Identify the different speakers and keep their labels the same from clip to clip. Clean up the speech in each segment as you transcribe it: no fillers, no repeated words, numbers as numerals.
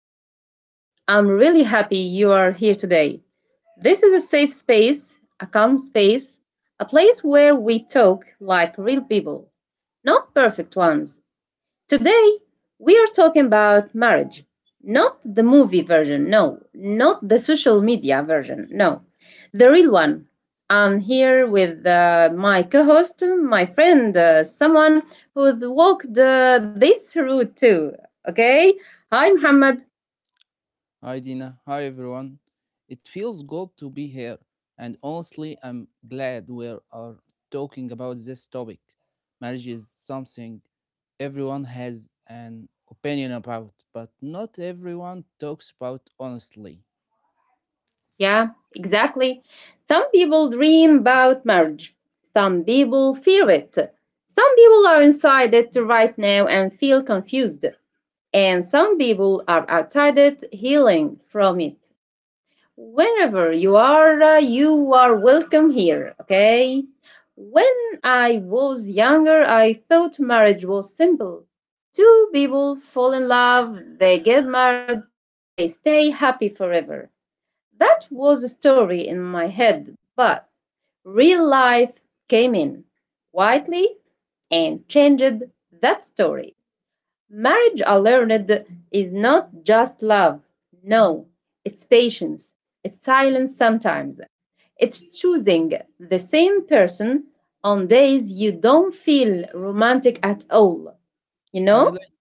Speaker 1: the show. I'm really happy you are here today. This is a safe space, a calm space, a place where we talk like real people, not perfect ones. Today, we are talking about marriage. Not the movie version, no. Not the social media version, no. The real one. I'm here with my co host, my friend, someone who's walked this route too. Okay? Hi, Muhammad.
Speaker 2: Hi Dina, hi everyone. It feels good to be here, and honestly, I'm glad we are talking about this topic. Marriage is something everyone has an opinion about, but not everyone talks about honestly.
Speaker 1: Yeah, exactly. Some people dream about marriage, some people fear it. Some people are inside it right now and feel confused, and some people are outside healing from it. Wherever you are welcome here, okay? When I was younger, I thought marriage was simple. Two people fall in love, they get married, they stay happy forever. That was a story in my head, but real life came in quietly and changed that story. Marriage, I learned, is not just love. No, it's patience, it's silence sometimes. It's choosing the same person on days you don't feel romantic at all, you
Speaker 2: I
Speaker 1: know?
Speaker 2: relate,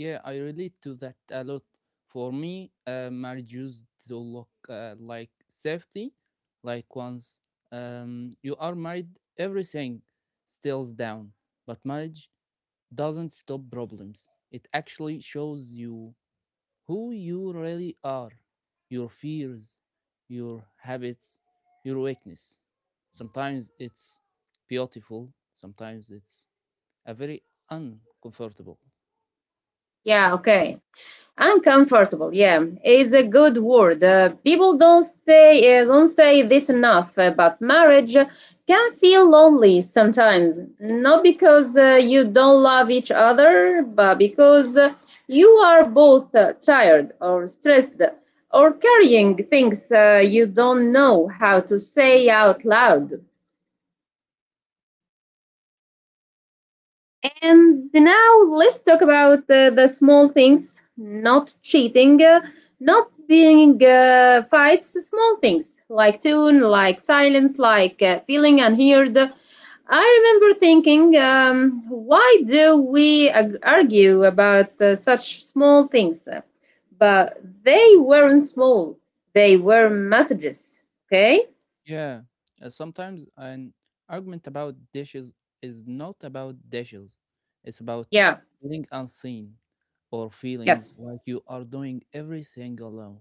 Speaker 2: yeah, I relate to that a lot. For me, marriage used to look like safety, like once you are married, everything stills down, but marriage doesn't stop problems. It actually shows you who you really are, your fears, your habits, your weakness. Sometimes it's beautiful, sometimes it's a very uncomfortable.
Speaker 1: Yeah, okay. Uncomfortable, yeah, is a good word. People don't say don't say this enough, but marriage can feel lonely sometimes. Not because you don't love each other, but because you are both tired or stressed or carrying things you don't know how to say out loud. And now let's talk about the small things, not cheating, not being fights, small things like tune, like silence, like feeling unheard. I remember thinking, why do we argue about such small things? But they weren't small, they were messages. Okay?
Speaker 2: Yeah, sometimes an argument about dishes is not about dishes, it's about
Speaker 1: Yeah,
Speaker 2: feeling unseen or feeling
Speaker 1: yes.
Speaker 2: like you are doing everything alone.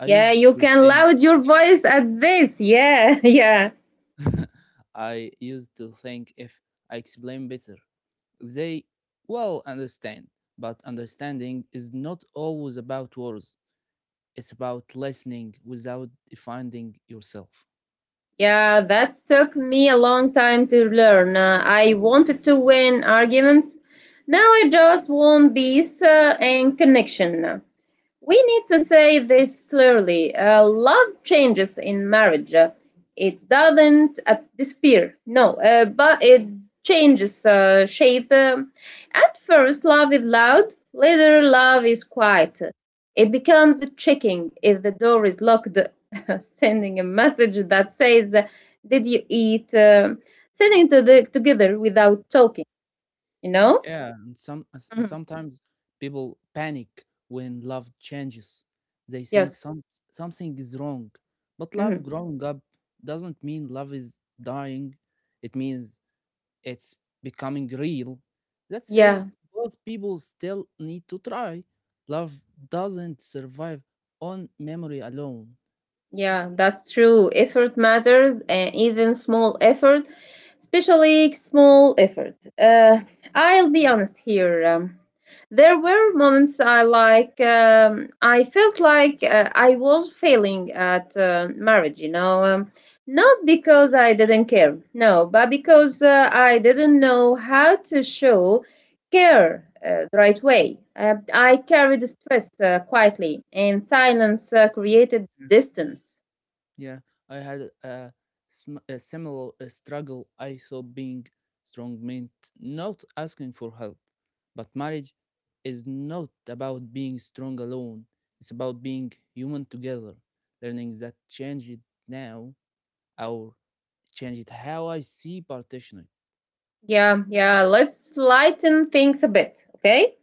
Speaker 2: I
Speaker 1: Yeah,
Speaker 2: used
Speaker 1: you
Speaker 2: to
Speaker 1: can
Speaker 2: think
Speaker 1: loud your voice at this. Yeah, yeah.
Speaker 2: I used to think if I explain better, they will understand. But understanding is not always about words. It's about listening without defining yourself.
Speaker 1: Yeah, that took me a long time to learn. I wanted to win arguments. Now I just want peace and connection. We need to say this clearly. Love changes in marriage. It doesn't disappear, no, but it changes shape. At first, love is loud, later, love is quiet. It becomes a checking if the door is locked, sending a message that says, did you eat? Sitting together without talking, you know?
Speaker 2: Yeah, and
Speaker 1: Mhm.
Speaker 2: sometimes people panic when love changes. They think
Speaker 1: Yes.
Speaker 2: something is wrong. But love
Speaker 1: Mhm.
Speaker 2: growing up doesn't mean love is dying. It means it's becoming real. Let's say
Speaker 1: Yeah.
Speaker 2: both people still need to try. Love doesn't survive on memory alone.
Speaker 1: Yeah, that's true. Effort matters, and even small effort, especially small effort. I'll be honest here. There were moments I felt like I was failing at marriage. You know, not because I didn't care, no, but because I didn't know how to show care the right way. I carried stress quietly, and silence created
Speaker 2: Mm.
Speaker 1: distance.
Speaker 2: Yeah, I had a, a similar struggle. I thought being strong meant not asking for help, but marriage is not about being strong alone. It's about being human together. Learning that changed now, or changed how I see partnership.
Speaker 1: Yeah, yeah, let's lighten things a bit, okay?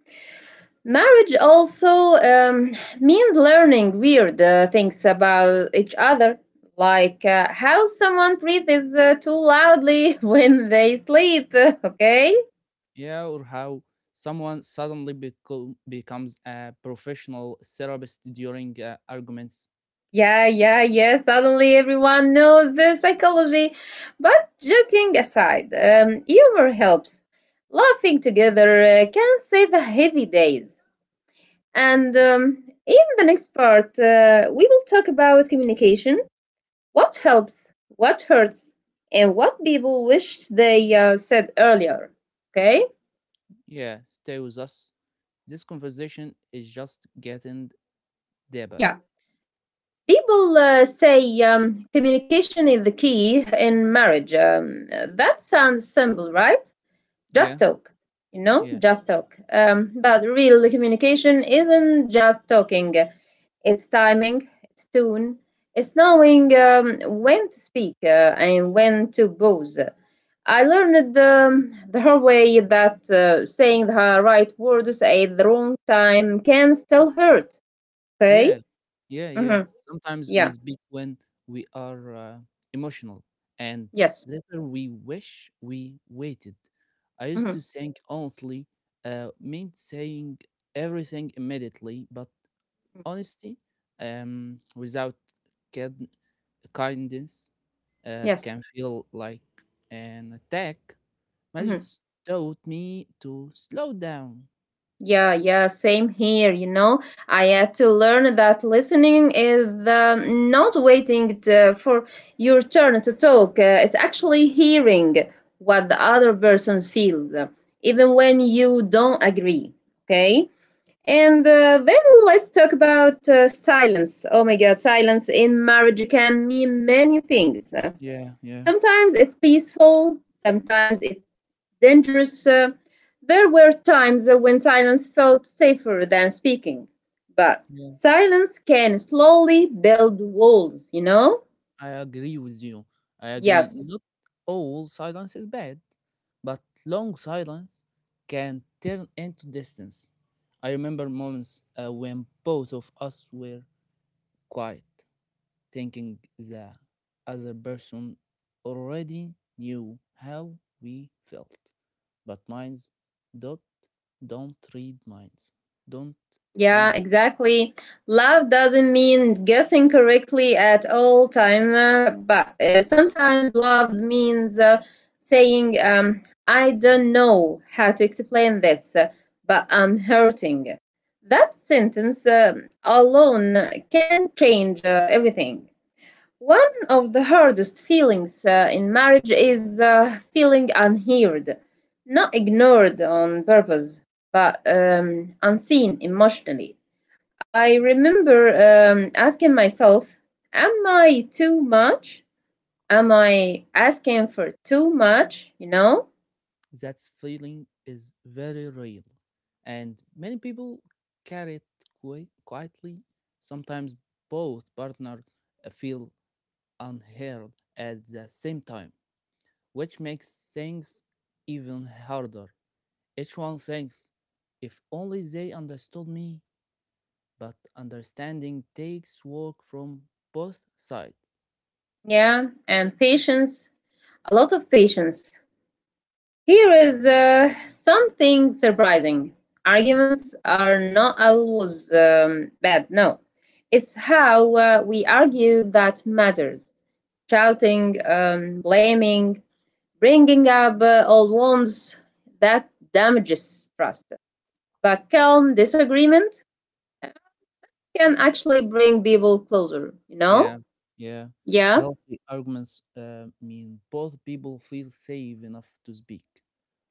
Speaker 1: Marriage also um, means learning weird things about each other, like how someone breathes too loudly when they sleep, okay?
Speaker 2: Yeah, or how someone becomes a professional therapist during arguments.
Speaker 1: Yeah, yeah, yeah, suddenly everyone knows the psychology. But joking aside, humor helps. Laughing together can save heavy days. And in the next part, we will talk about communication, what helps, what hurts, and what people wished they said earlier. Okay?
Speaker 2: Yeah, stay with us. This conversation is just getting deeper.
Speaker 1: Yeah. People say communication is the key in marriage. That sounds simple, right?
Speaker 2: Yeah,
Speaker 1: Just talk, you know,
Speaker 2: yeah,
Speaker 1: just talk. But real communication isn't just talking. It's timing, it's tune, it's knowing when to speak and when to pause. I learned the hard way that saying the right words at the wrong time can still hurt. Okay?
Speaker 2: yeah, yeah, yeah.
Speaker 1: hmm
Speaker 2: Sometimes we
Speaker 1: Yeah.
Speaker 2: speak when we are emotional, and
Speaker 1: Yes.
Speaker 2: later we wish we waited. I used
Speaker 1: hmm
Speaker 2: to think honestly, meant saying everything immediately, but honesty, without kid- kindness,
Speaker 1: Yes.
Speaker 2: can feel like an attack.
Speaker 1: Mhm.
Speaker 2: Marriage taught me to slow down.
Speaker 1: Yeah, yeah, same here. You know, I had to learn that listening is not waiting for your turn to talk. It's actually hearing what the other person feels, even when you don't agree. Okay. And then let's talk about silence. Oh my God, silence in marriage can mean many things.
Speaker 2: Yeah, yeah.
Speaker 1: Sometimes it's peaceful, sometimes it dangerous. There were times when silence felt safer than speaking, but
Speaker 2: Yeah,
Speaker 1: silence can slowly build walls, you know?
Speaker 2: I agree with you. I agree.
Speaker 1: Yes,
Speaker 2: Not all silence is bad, but long silence can turn into distance. I remember moments when both of us were quiet, thinking the other person already knew how we felt. But minds don't, don't read minds. Don't
Speaker 1: yeah,
Speaker 2: read.
Speaker 1: exactly. Love doesn't mean guessing correctly at all time, but sometimes love means saying, "I don't know how to explain this, but I'm hurting." That sentence alone can change everything. One of the hardest feelings in marriage is feeling unheard, not ignored on purpose, but unseen emotionally. I remember asking myself, am I too much? Am I asking for too much? You know?
Speaker 2: That feeling is very real. And many people carry it quietly. Sometimes both partners feel unheard at the same time, which makes things even harder. Each one thinks, if only they understood me, but understanding takes work from both sides.
Speaker 1: Yeah, and patience, a lot of patience. Here is something surprising, arguments are not always bad, no. It's how we argue that matters. Shouting, blaming, bringing up old wounds that damages trust. But calm disagreement uh, can actually bring people closer, you know?
Speaker 2: Yeah, yeah.
Speaker 1: Yeah,
Speaker 2: Healthy arguments mean both people feel safe enough to speak.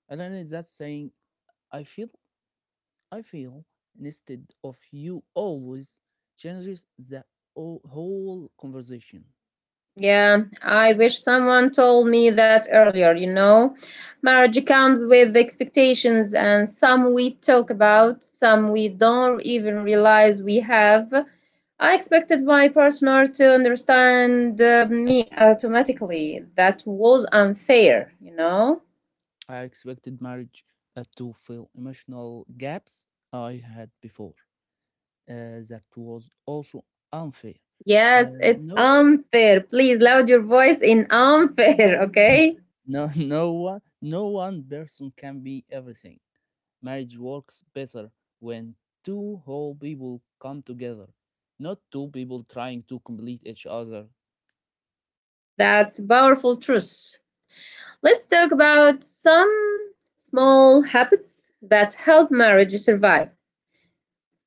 Speaker 2: And then is that saying, I feel, I feel, instead of you always changes the whole conversation.
Speaker 1: yeah. I wish someone told me that earlier, you know? Marriage comes with expectations, and some we talk about, some we don't even realize we have. I expected my partner to understand me automatically. That was unfair, you know?
Speaker 2: I expected marriage to fill emotional gaps I had before. That was also unfair. Uh,
Speaker 1: Yes, it's
Speaker 2: no,
Speaker 1: unfair. Please loud your voice in unfair, okay?
Speaker 2: no, no one person can be everything. Marriage works better when two whole people come together, not two people trying to complete each other.
Speaker 1: That's a powerful truth. Let's talk about some small habits that help marriage survive.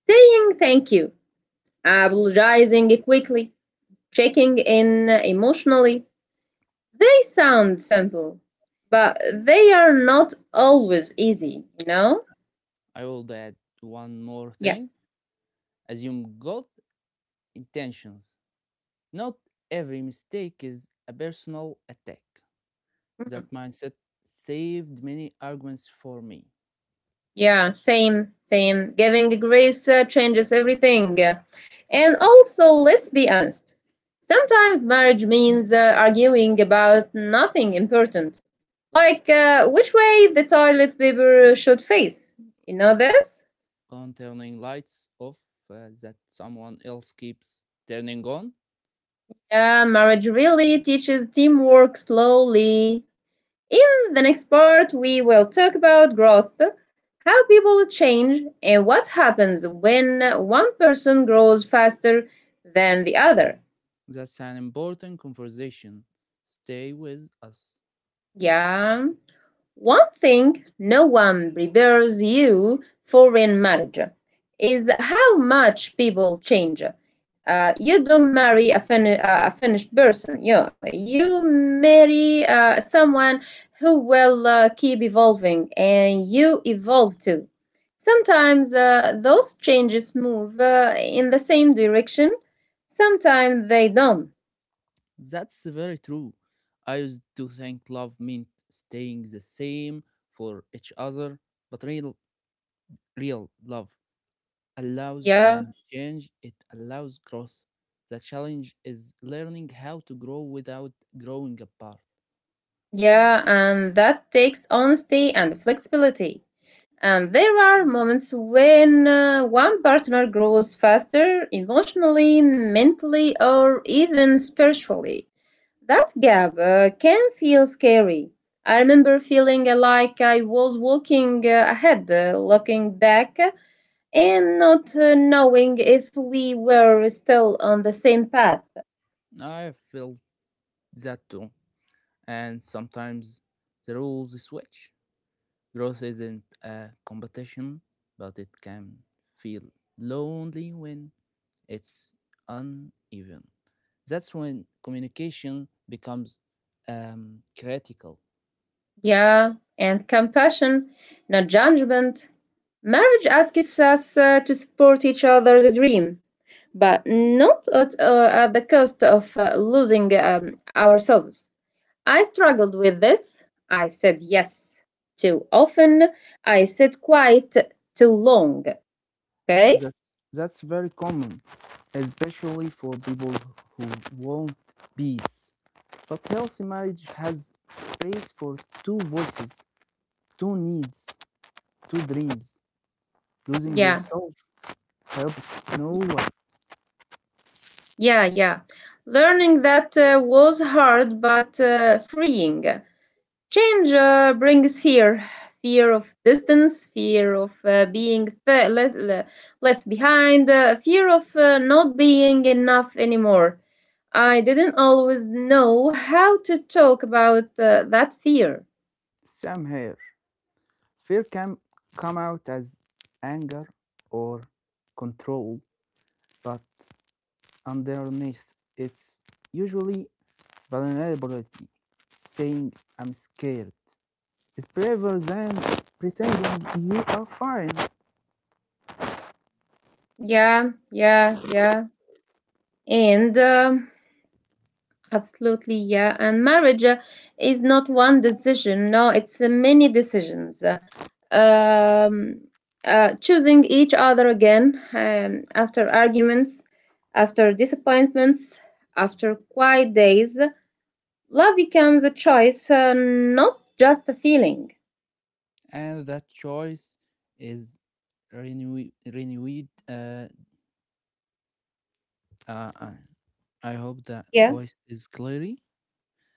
Speaker 1: Saying thank you, apologizing quickly, checking in emotionally. They sound simple, but they are not always easy, you know?
Speaker 2: I will add one more
Speaker 1: Yeah.
Speaker 2: thing: assume good intentions. Not every mistake is a personal attack.
Speaker 1: Mhm.
Speaker 2: That mindset saved many arguments for me.
Speaker 1: Yeah, same, same. Giving grace changes everything. And also, let's be honest. Sometimes marriage means arguing about nothing important, like which way the toilet paper should face. You know this?
Speaker 2: On turning lights off that someone else keeps turning on.
Speaker 1: Yeah, marriage really teaches teamwork slowly. In the next part, we will talk about growth, how people change, and what happens when one person grows faster than the other.
Speaker 2: That's an important conversation. Stay with us.
Speaker 1: Yeah. One thing no one prepares you for in marriage is how much people change. You don't marry a finished person. You marry someone who will keep evolving and you evolve too. Sometimes those changes move in the same direction, sometimes they don't.
Speaker 2: That's very true. I used to think love meant staying the same for each other, but real love allows
Speaker 1: Yeah,
Speaker 2: change, it allows growth. The challenge is learning how to grow without growing apart.
Speaker 1: yeah, and that takes honesty and flexibility. And there are moments when one partner grows faster emotionally, mentally, or even spiritually. That gap can feel scary. I remember feeling like I was walking ahead, looking back, and not knowing if we were still on the same path.
Speaker 2: I felt that too. And sometimes the rules switch. Growth isn't a competition, but it can feel lonely when it's uneven. That's when communication becomes critical.
Speaker 1: Yeah, and compassion, not judgment. Marriage asks us to support each other's dream but not at the cost of losing ourselves. I struggled with this. I said yes too often. I said quite too long. Okay?
Speaker 2: That's that's very common, especially for people who want peace. But healthy marriage has space for two voices, two needs, two dreams. Losing
Speaker 1: Yeah,
Speaker 2: yourself helps no one.
Speaker 1: yeah, yeah. Learning that was hard but freeing. Change brings fear, fear of distance, fear of left, left behind, fear of not being enough anymore. I didn't always know how to talk about that fear.
Speaker 2: Same here. Fear can come out as anger or control, but underneath it's usually vulnerability. Saying I'm scared is braver than pretending you are fine.
Speaker 1: Yeah, yeah, yeah. And absolutely, yeah. And marriage is not one decision. No, it's many decisions. Um, Choosing each other again after arguments, after disappointments, after quiet days. Love becomes a choice, not just a feeling.
Speaker 2: And that choice is renewed. Uh, uh, I hope that
Speaker 1: Yeah.
Speaker 2: voice is clearly.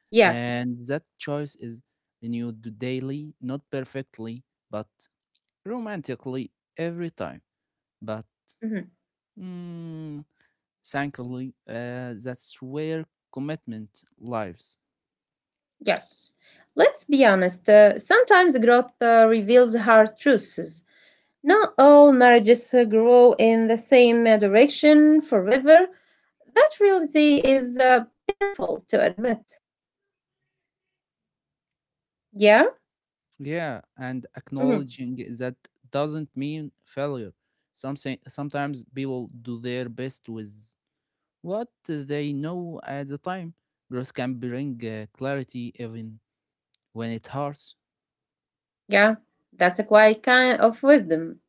Speaker 1: Yeah.
Speaker 2: And that choice is renewed daily, not perfectly, but romantically every time, but
Speaker 1: Mhm.
Speaker 2: mm, thankfully, that's where commitment lives.
Speaker 1: Yes. Let's be honest. Sometimes growth reveals hard truths. Not all marriages grow in the same direction forever. That reality is painful to admit. Yeah?
Speaker 2: Yeah, and
Speaker 1: Mhm.
Speaker 2: acknowledging that doesn't mean failure. Something sometimes people do their best with what they know at the time. Growth can bring clarity even when it hurts.
Speaker 1: Yeah, that's a quiet kind of wisdom.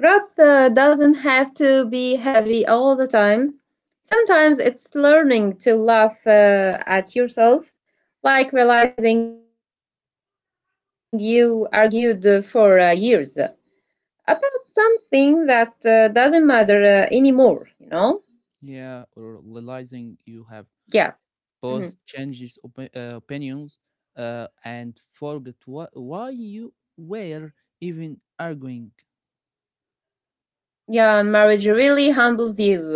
Speaker 1: Growth doesn't have to be heavy all the time. Sometimes it's learning to laugh at yourself, like realizing you argued for years about something that doesn't matter anymore, you know?
Speaker 2: Yeah, or
Speaker 1: Yeah.
Speaker 2: realizing you have
Speaker 1: Mhm.
Speaker 2: opinions and forget why you were even arguing.
Speaker 1: Yeah, marriage really humbles you.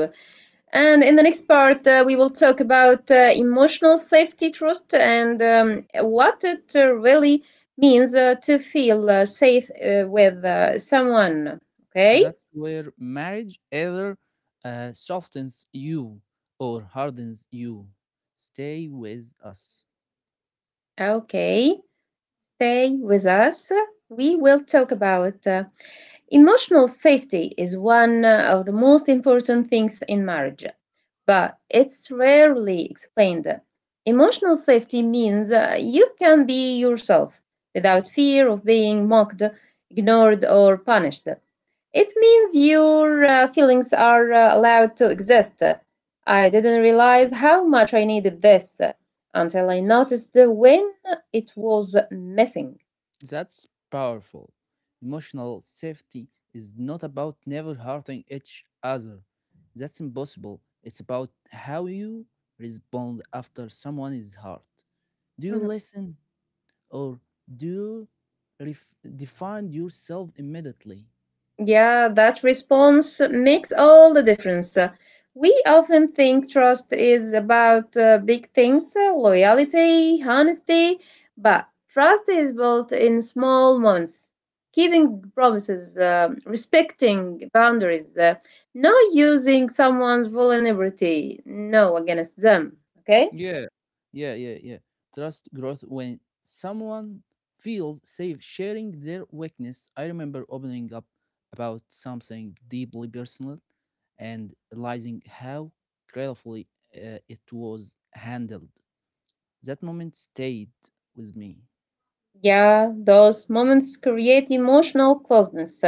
Speaker 1: And in the next part, we will talk about emotional safety, trust, and what it really means to feel safe with someone. Okay?
Speaker 2: That's where marriage either softens you or hardens you. Stay with us.
Speaker 1: Okay. Stay with us. We will talk about emotional safety is one of the most important things in marriage, but it's rarely explained. Emotional safety means you can be yourself without fear of being mocked, ignored, or punished. It means your feelings are allowed to exist. I didn't realize how much I needed this until I noticed when it was missing.
Speaker 2: That's powerful. Emotional safety is not about never hurting each other. That's impossible. It's about how you respond after someone is hurt. Do you listen? Or do you define yourself immediately?
Speaker 1: Yeah, that response makes all the difference. We often think trust is about big things, loyalty, honesty, but trust is built in small moments. Keeping promises, respecting boundaries, not using someone's vulnerability, no, against them. Okay?
Speaker 2: Yeah, yeah, yeah, yeah. Trust growth when someone feels safe sharing their weakness. I remember opening up about something deeply personal and realizing how carefully it was handled. That moment stayed with me.
Speaker 1: Yeah, those moments create emotional closeness.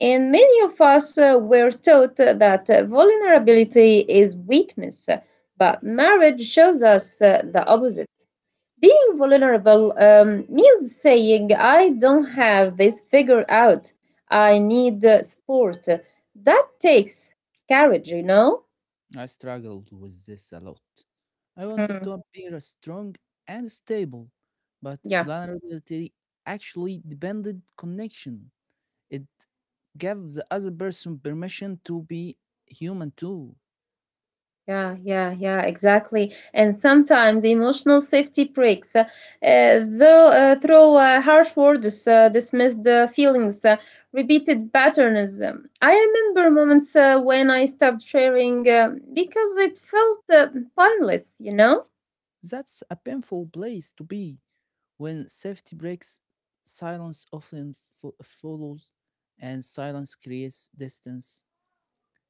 Speaker 1: And many of us were taught that vulnerability is weakness, but marriage shows us the opposite. Being vulnerable means saying, I don't have this figured out, I need support. That takes courage, you know?
Speaker 2: I struggled with this a lot. I wanted
Speaker 1: Mm,
Speaker 2: to appear strong and stable, but
Speaker 1: yeah.
Speaker 2: vulnerability actually depended connection. It gave the other person permission to be human too.
Speaker 1: Yeah, yeah, yeah, exactly. And sometimes emotional safety breaks, though through harsh words, dismissed feelings, repeated patterns. I remember moments when I stopped sharing because it felt pointless, you know.
Speaker 2: That's a painful place to be when safety breaks, silence often follows, and silence creates distance.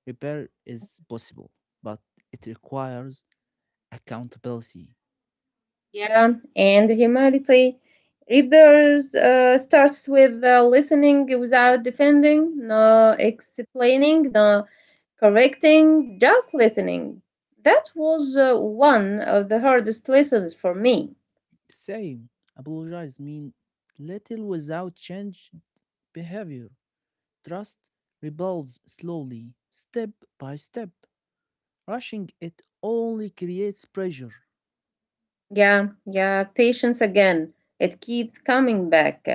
Speaker 2: Repair is possible, but it requires accountability.
Speaker 1: Yeah, and humility repairs starts with listening without defending, no explaining, no correcting, just listening. That was one of the hardest lessons for me.
Speaker 2: Same. Apologize mean little without change behavior. Trust rebuilds slowly, step by step. Rushing it only creates pressure.
Speaker 1: Yeah, yeah, patience again. It keeps coming back.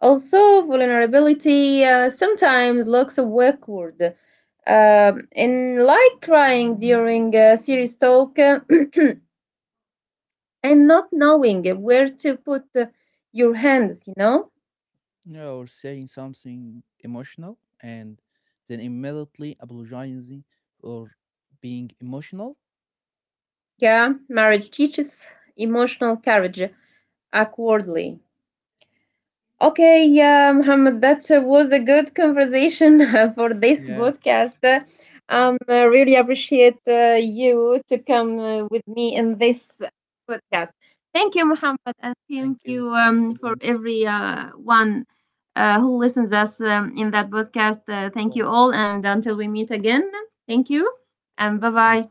Speaker 1: Also, vulnerability sometimes looks awkward. And like crying during a serious talk and not knowing where to put your hands, you know?
Speaker 2: Yeah, or saying something emotional and then immediately apologizing or being emotional.
Speaker 1: Yeah, marriage teaches emotional courage awkwardly. Okay, yeah, Muhammad, that was a good conversation for this
Speaker 2: Yeah.
Speaker 1: podcast. I really appreciate you to come with me in this podcast. Thank you, Muhammad, and thank
Speaker 2: Thank you.
Speaker 1: you
Speaker 2: Thank you,
Speaker 1: for
Speaker 2: Dina.
Speaker 1: every one who listens us in that podcast.
Speaker 2: You
Speaker 1: Thank you
Speaker 2: always.
Speaker 1: all, and until we meet again, thank you, and bye
Speaker 2: Thank
Speaker 1: bye.